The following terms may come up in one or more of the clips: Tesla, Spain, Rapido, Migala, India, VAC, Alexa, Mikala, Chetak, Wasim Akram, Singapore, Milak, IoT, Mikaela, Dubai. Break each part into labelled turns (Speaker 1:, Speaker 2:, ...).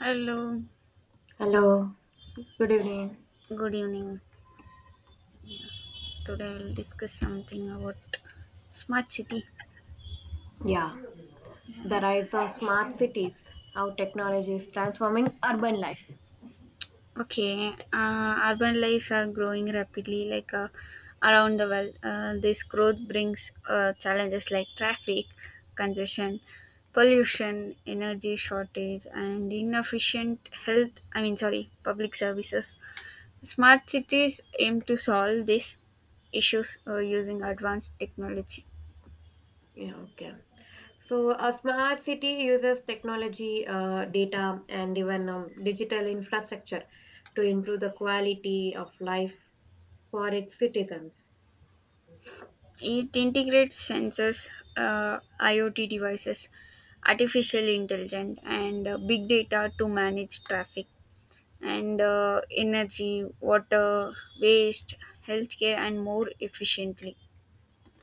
Speaker 1: Hello,
Speaker 2: Hello, good evening.
Speaker 1: good evening. Today we'll discuss something about smart city.
Speaker 2: Yeah, the
Speaker 1: Uh,
Speaker 2: rise of smart cities, how technology is transforming urban life.
Speaker 1: Okay, urban lives are growing rapidly, like around the world. This growth brings challenges like traffic, congestion, pollution, energy shortage, and inefficient health. I mean, sorry, public services. Smart cities aim to solve these issues using advanced technology.
Speaker 2: Yeah, okay. So a smart city uses technology, data, and even digital infrastructure to
Speaker 1: Yes.
Speaker 2: improve the quality of life for its citizens.
Speaker 1: It integrates sensors, IoT devices, artificial intelligence, and big data to manage traffic and energy, water, waste, healthcare, and more efficiently.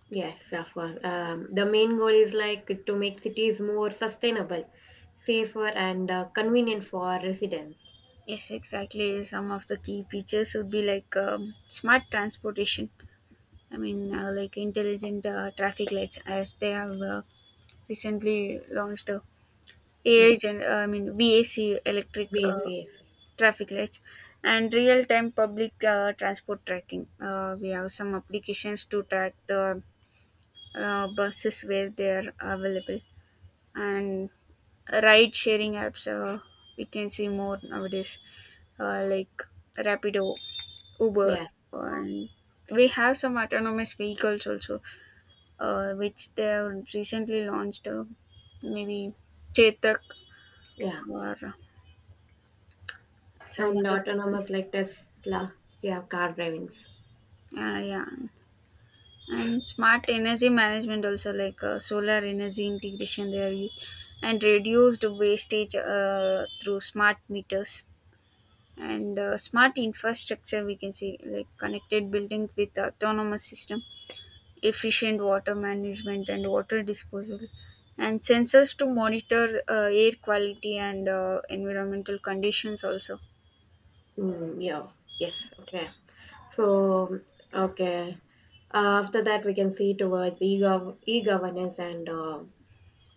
Speaker 2: Yes, of course. The main goal is like to make cities more sustainable, safer, and convenient for residents.
Speaker 1: Yes, exactly. Some of the key features would be like smart transportation. I mean, like intelligent traffic lights, as they have recently launched a AI
Speaker 2: Yes,
Speaker 1: gen- I mean, VAC electric
Speaker 2: yes, yes,
Speaker 1: traffic lights, and real-time public transport tracking. We have some applications to track the buses where they are available, and ride sharing apps, we can see more nowadays, like Rapido, Uber.
Speaker 2: yes,
Speaker 1: And we have some autonomous vehicles also, which they have recently launched, maybe Chetak,
Speaker 2: yeah.
Speaker 1: or some
Speaker 2: And
Speaker 1: other
Speaker 2: autonomous
Speaker 1: companies.
Speaker 2: like Tesla, yeah, car drivings.
Speaker 1: Yeah, and smart energy management also, like solar energy integration, and reduced wastage through smart meters. And smart infrastructure, we can see, like connected building with autonomous system, efficient water management and water disposal, and sensors to monitor air quality and environmental conditions also.
Speaker 2: Mm, yeah, yes, okay. So, okay. After that, we can see towards e-governance and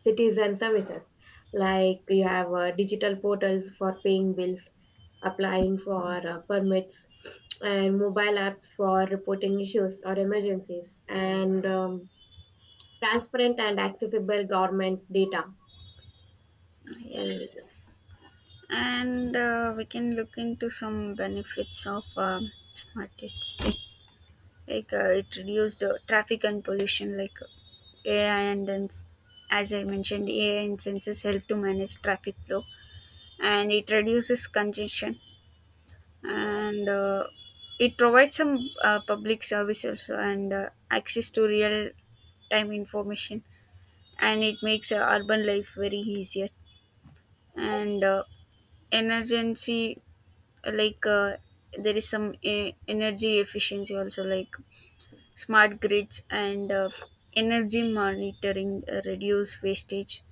Speaker 2: citizen services. Like you have digital portals for paying bills, applying for permits, and mobile apps for reporting issues or emergencies, and transparent and accessible government data. So,
Speaker 1: Yes. And we can look into some benefits of smart cities. Like, it reduced traffic and pollution. Like, ai and ins- as I mentioned, AI and sensors help to manage traffic flow, and it reduces congestion. And it provides some public services and access to real time information, and it makes urban life very easier. And emergency, like there is some energy efficiency also, like smart grids and energy monitoring reduce wastage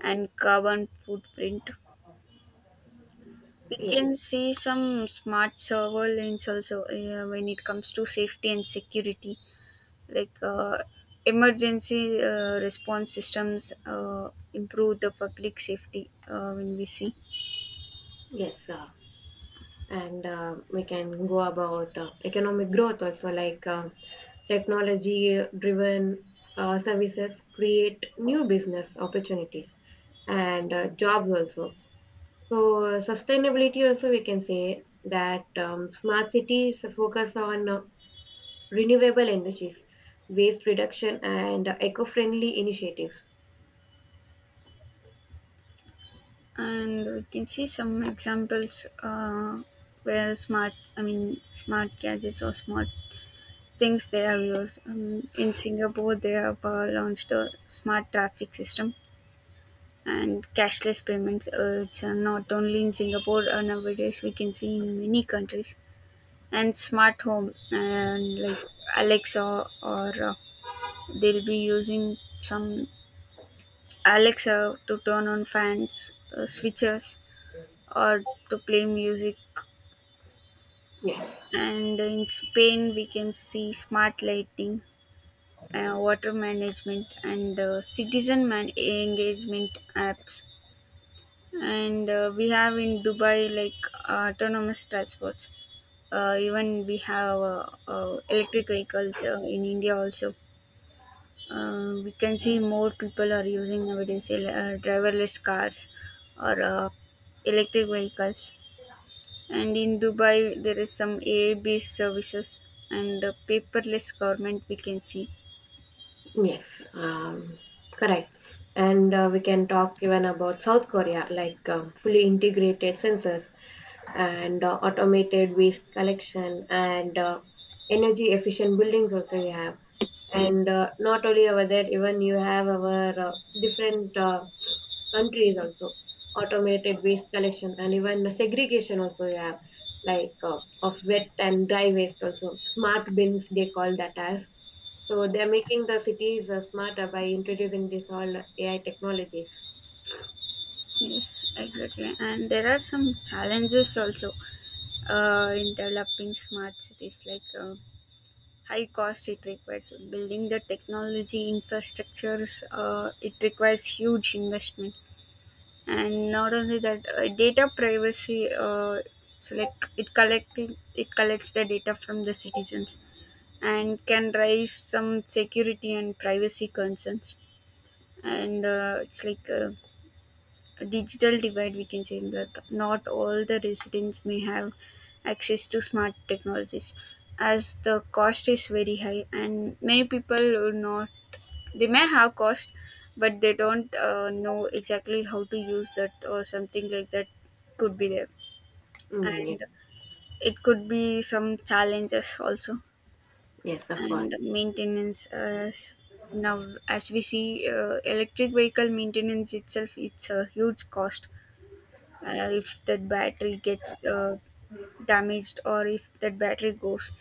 Speaker 1: and carbon footprint. We
Speaker 2: yeah. Yeah,
Speaker 1: can see some smart surveillance also, when it comes to safety and security, like emergency response systems improve the public safety, when we see.
Speaker 2: yes. And we can go about economic growth also, like technology driven services create new business opportunities and jobs also. So sustainability also, we can say that smart cities focus on renewable energies, waste reduction, and eco-friendly initiatives.
Speaker 1: And we can see some examples, where smart I mean smart gadgets or smart things they have used. In Singapore, they have launched a smart traffic system and cashless payments. It's not only in Singapore, nowadays; we can see in many countries. And smart home, and like Alexa, or they'll be using some Alexa to turn on fans, switches, or to play music.
Speaker 2: Yes.
Speaker 1: And in Spain, we can see smart lighting, water management, and citizen engagement apps. And we have in Dubai like autonomous transports. Even we have electric vehicles in India also. We can see more people are using nowadays, driverless cars, or electric vehicles. And in Dubai there is some AI based services, and paperless government we can see.
Speaker 2: Yes, correct. And we can talk even about South Korea, like fully integrated sensors, and automated waste collection and energy efficient buildings also we have. And not only over there, even you have our different countries also automated waste collection and even the segregation also you have, like of wet and dry waste, also smart bins they call that as. So they're making the cities smarter by introducing this all AI technologies.
Speaker 1: Yes, exactly. And there are some challenges also, in developing smart cities, like, high cost it requires. Building the technology infrastructures, it requires huge investment. And not only that, data privacy, so like it collects the data from the citizens, and can raise some security and privacy concerns. And it's like, digital divide, we can say that not all the residents may have access to smart technologies, as the cost is very high, and many people are not, they may have cost but they don't know exactly how to use that, or something like that could be there,
Speaker 2: Mm, yeah.
Speaker 1: and it could be some challenges also.
Speaker 2: Yes, of course.
Speaker 1: And maintenance, as now as we see, electric vehicle maintenance itself, it's a huge cost. If that battery gets damaged, or if that battery goes,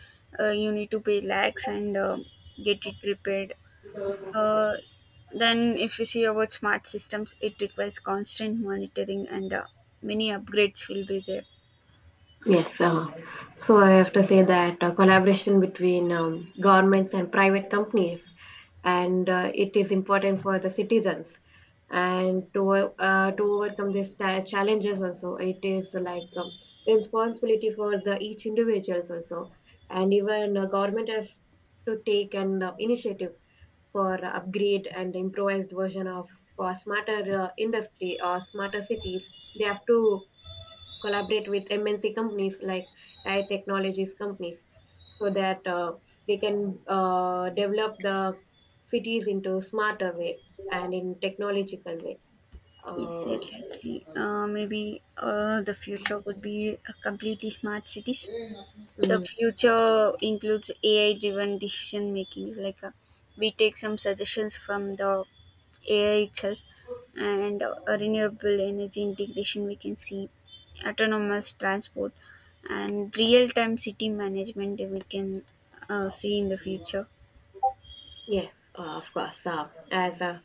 Speaker 1: you need to pay lakhs and get it repaired. uh, then if we see about smart systems, it requires constant monitoring, and many upgrades will be there.
Speaker 2: Yes. So I have to say that collaboration between governments and private companies, and it is important for the citizens, and to overcome these challenges also, it is like responsibility for the each individuals also, and even government has to take an initiative for upgrade and improvised version of for smarter industry or smarter cities. They have to collaborate with MNC companies, like AI technologies companies, so that they can develop the cities into smarter way and in technological way.
Speaker 1: Yes,
Speaker 2: Uh,
Speaker 1: exactly. Maybe the future would be a completely smart cities. The
Speaker 2: mm,
Speaker 1: future includes AI driven decision making, like, we take some suggestions from the AI itself, and renewable energy integration, we can see autonomous transport and real time city management, we can see in the future.
Speaker 2: yes, of course. As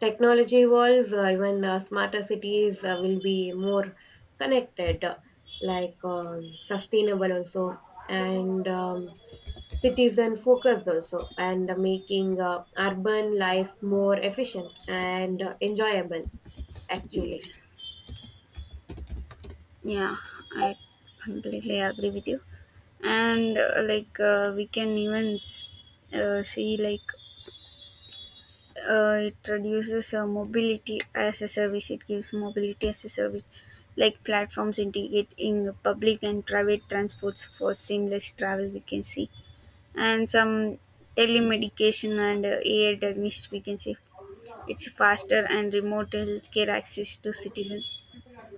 Speaker 2: technology evolves, even smarter cities will be more connected, like sustainable also, and citizen focus also, and making urban life more efficient and enjoyable actually.
Speaker 1: Yes. Yeah, I completely agree with you. And like, we can even see, like, it reduces, mobility as a service it gives mobility as a service, like platforms integrating public and private transports for seamless travel, we can see. And some telemedication and AI diagnostics, we can see it's faster and remote healthcare access to citizens.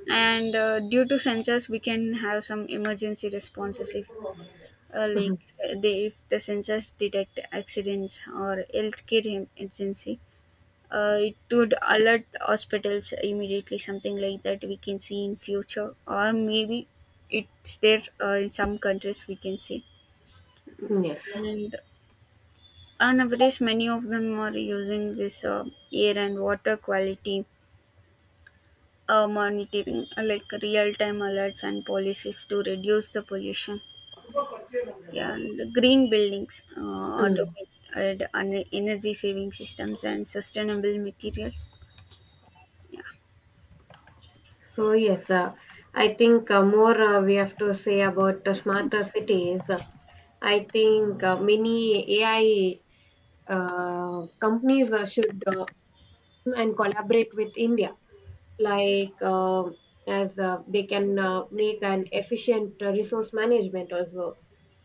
Speaker 1: And due to sensors, we can have some emergency responses. If, like,
Speaker 2: Mhm.
Speaker 1: if the sensors detect accidents or healthcare emergency, it would alert the hospitals immediately. Something like that we can see in future, or maybe it's there, in some countries, we can see.
Speaker 2: Yes.
Speaker 1: And nowadays many of them are using this air and water quality monitoring, like real-time alerts and policies to reduce the pollution. Yeah. And green buildings,
Speaker 2: Mm.
Speaker 1: automated and energy saving systems, and sustainable materials. Yeah.
Speaker 2: So yes. I think more we have to say about smarter cities. I think many AI companies should and collaborate with india, like as they can make an efficient resource management also,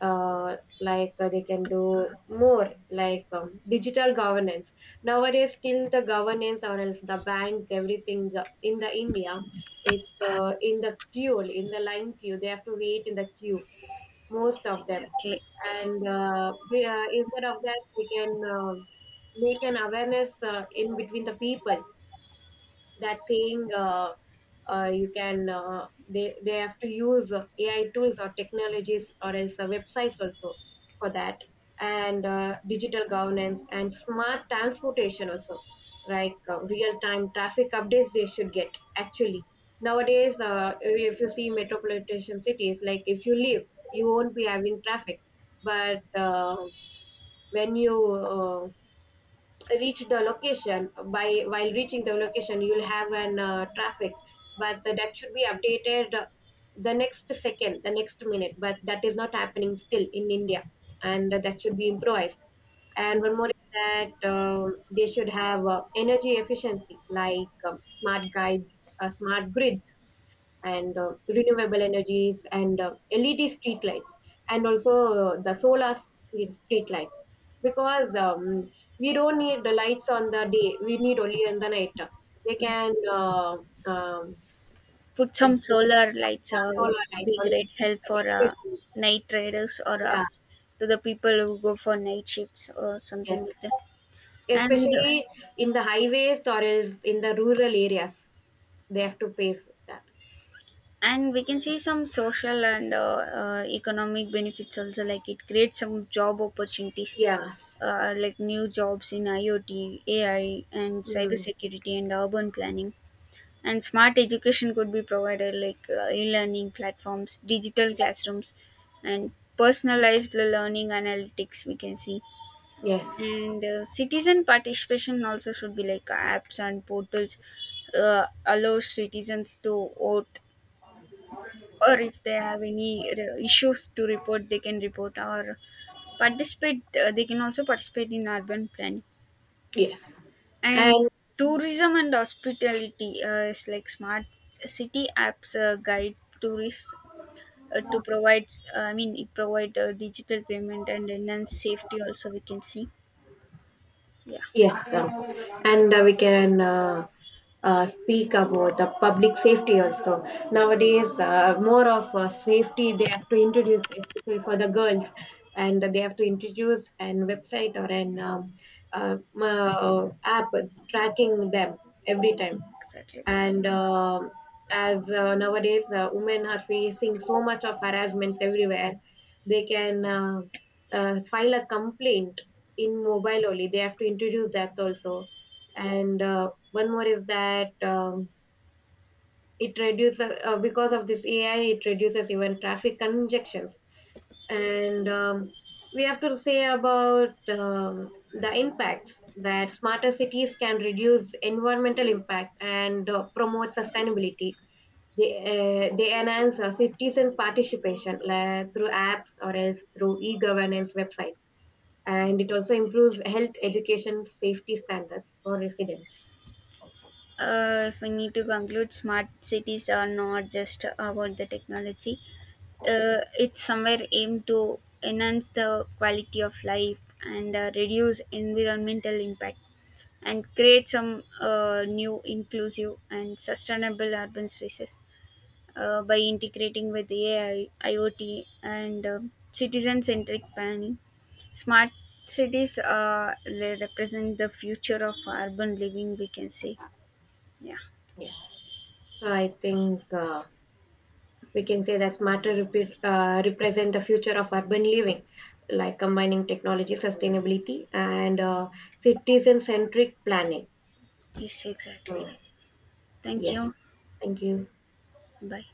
Speaker 2: like they can do more like digital governance. Nowadays still the governance or else the bank, everything in the india, it's in the line queue they have to wait in the queue, most
Speaker 1: Yes,
Speaker 2: of them.
Speaker 1: exactly.
Speaker 2: And instead of that, we can make an awareness in between the people, that saying you can they have to use AI tools or technologies or else websites also for that. And digital governance and smart transportation also, like real time traffic updates they should get. Actually, nowadays, if you see metropolitan cities, like if you live, you won't be having traffic, but when you reach the location, by while reaching the location you'll have an traffic, but that should be updated, the next second, the next minute, but that is not happening still in india, and that should be improvised. And one more
Speaker 1: Yes.
Speaker 2: is that they should have energy efficiency, like smart grids and renewable energies and LED street lights, and also the solar street lights, because we don't need the lights on the day, we need only in the night. They
Speaker 1: Yes.
Speaker 2: can um,
Speaker 1: Put some solar lights,
Speaker 2: yeah, solar
Speaker 1: which would
Speaker 2: lights
Speaker 1: be
Speaker 2: on the
Speaker 1: great help
Speaker 2: streets,
Speaker 1: for
Speaker 2: especially.
Speaker 1: night traders, or
Speaker 2: Yeah.
Speaker 1: to the people who go for night shifts or something
Speaker 2: Yes.
Speaker 1: like that. and
Speaker 2: Especially in the highways or else in the rural areas, they have to pay that.
Speaker 1: and we can see some social and economic benefits also, like it creates some job opportunities,
Speaker 2: Yes.
Speaker 1: like new jobs in IoT, AI, and
Speaker 2: Mm.
Speaker 1: cybersecurity and urban planning. And smart education could be provided, like, e-learning platforms, digital classrooms, and personalized learning analytics, we can see.
Speaker 2: Yes.
Speaker 1: And citizen participation also should be like apps and portals allow citizens to vote. Or if they have any issues to report, they can report or participate. They can also participate in urban planning.
Speaker 2: Yes.
Speaker 1: And
Speaker 2: And
Speaker 1: tourism and hospitality is like smart city apps guide tourists to provide. I mean, it provide digital payment and enhance safety. Also, we can see. Yeah.
Speaker 2: yes, sir. And we can speak about the public safety also. Nowadays, more of safety they have to introduce, especially for the girls, and they have to introduce an website or an app tracking them every time.
Speaker 1: Yes, exactly.
Speaker 2: And as nowadays women are facing so much of harassments everywhere, they can file a complaint in mobile only, they have to introduce that also. And one more is that it reduces, because of this AI it reduces even traffic congestions. And we have to say about the impacts that smarter cities can reduce environmental impact and promote sustainability. They enhance citizen participation through apps or else through e-governance websites. And it also improves health, education, safety standards for residents.
Speaker 1: If we need to conclude, smart cities are not just about the technology. It's somewhere aimed to enhance the quality of life and reduce environmental impact, and create some new inclusive and sustainable urban spaces, by integrating with AI, IoT, and citizen centric planning. Smart cities represent the future of urban living, we can say. Yeah.
Speaker 2: Yes. So I think we can say that smarter represent the future of urban living, like combining technology, sustainability, and citizen-centric planning.
Speaker 1: Yes, exactly.
Speaker 2: So,
Speaker 1: Thank
Speaker 2: yes.
Speaker 1: you.
Speaker 2: Thank you.
Speaker 1: Bye.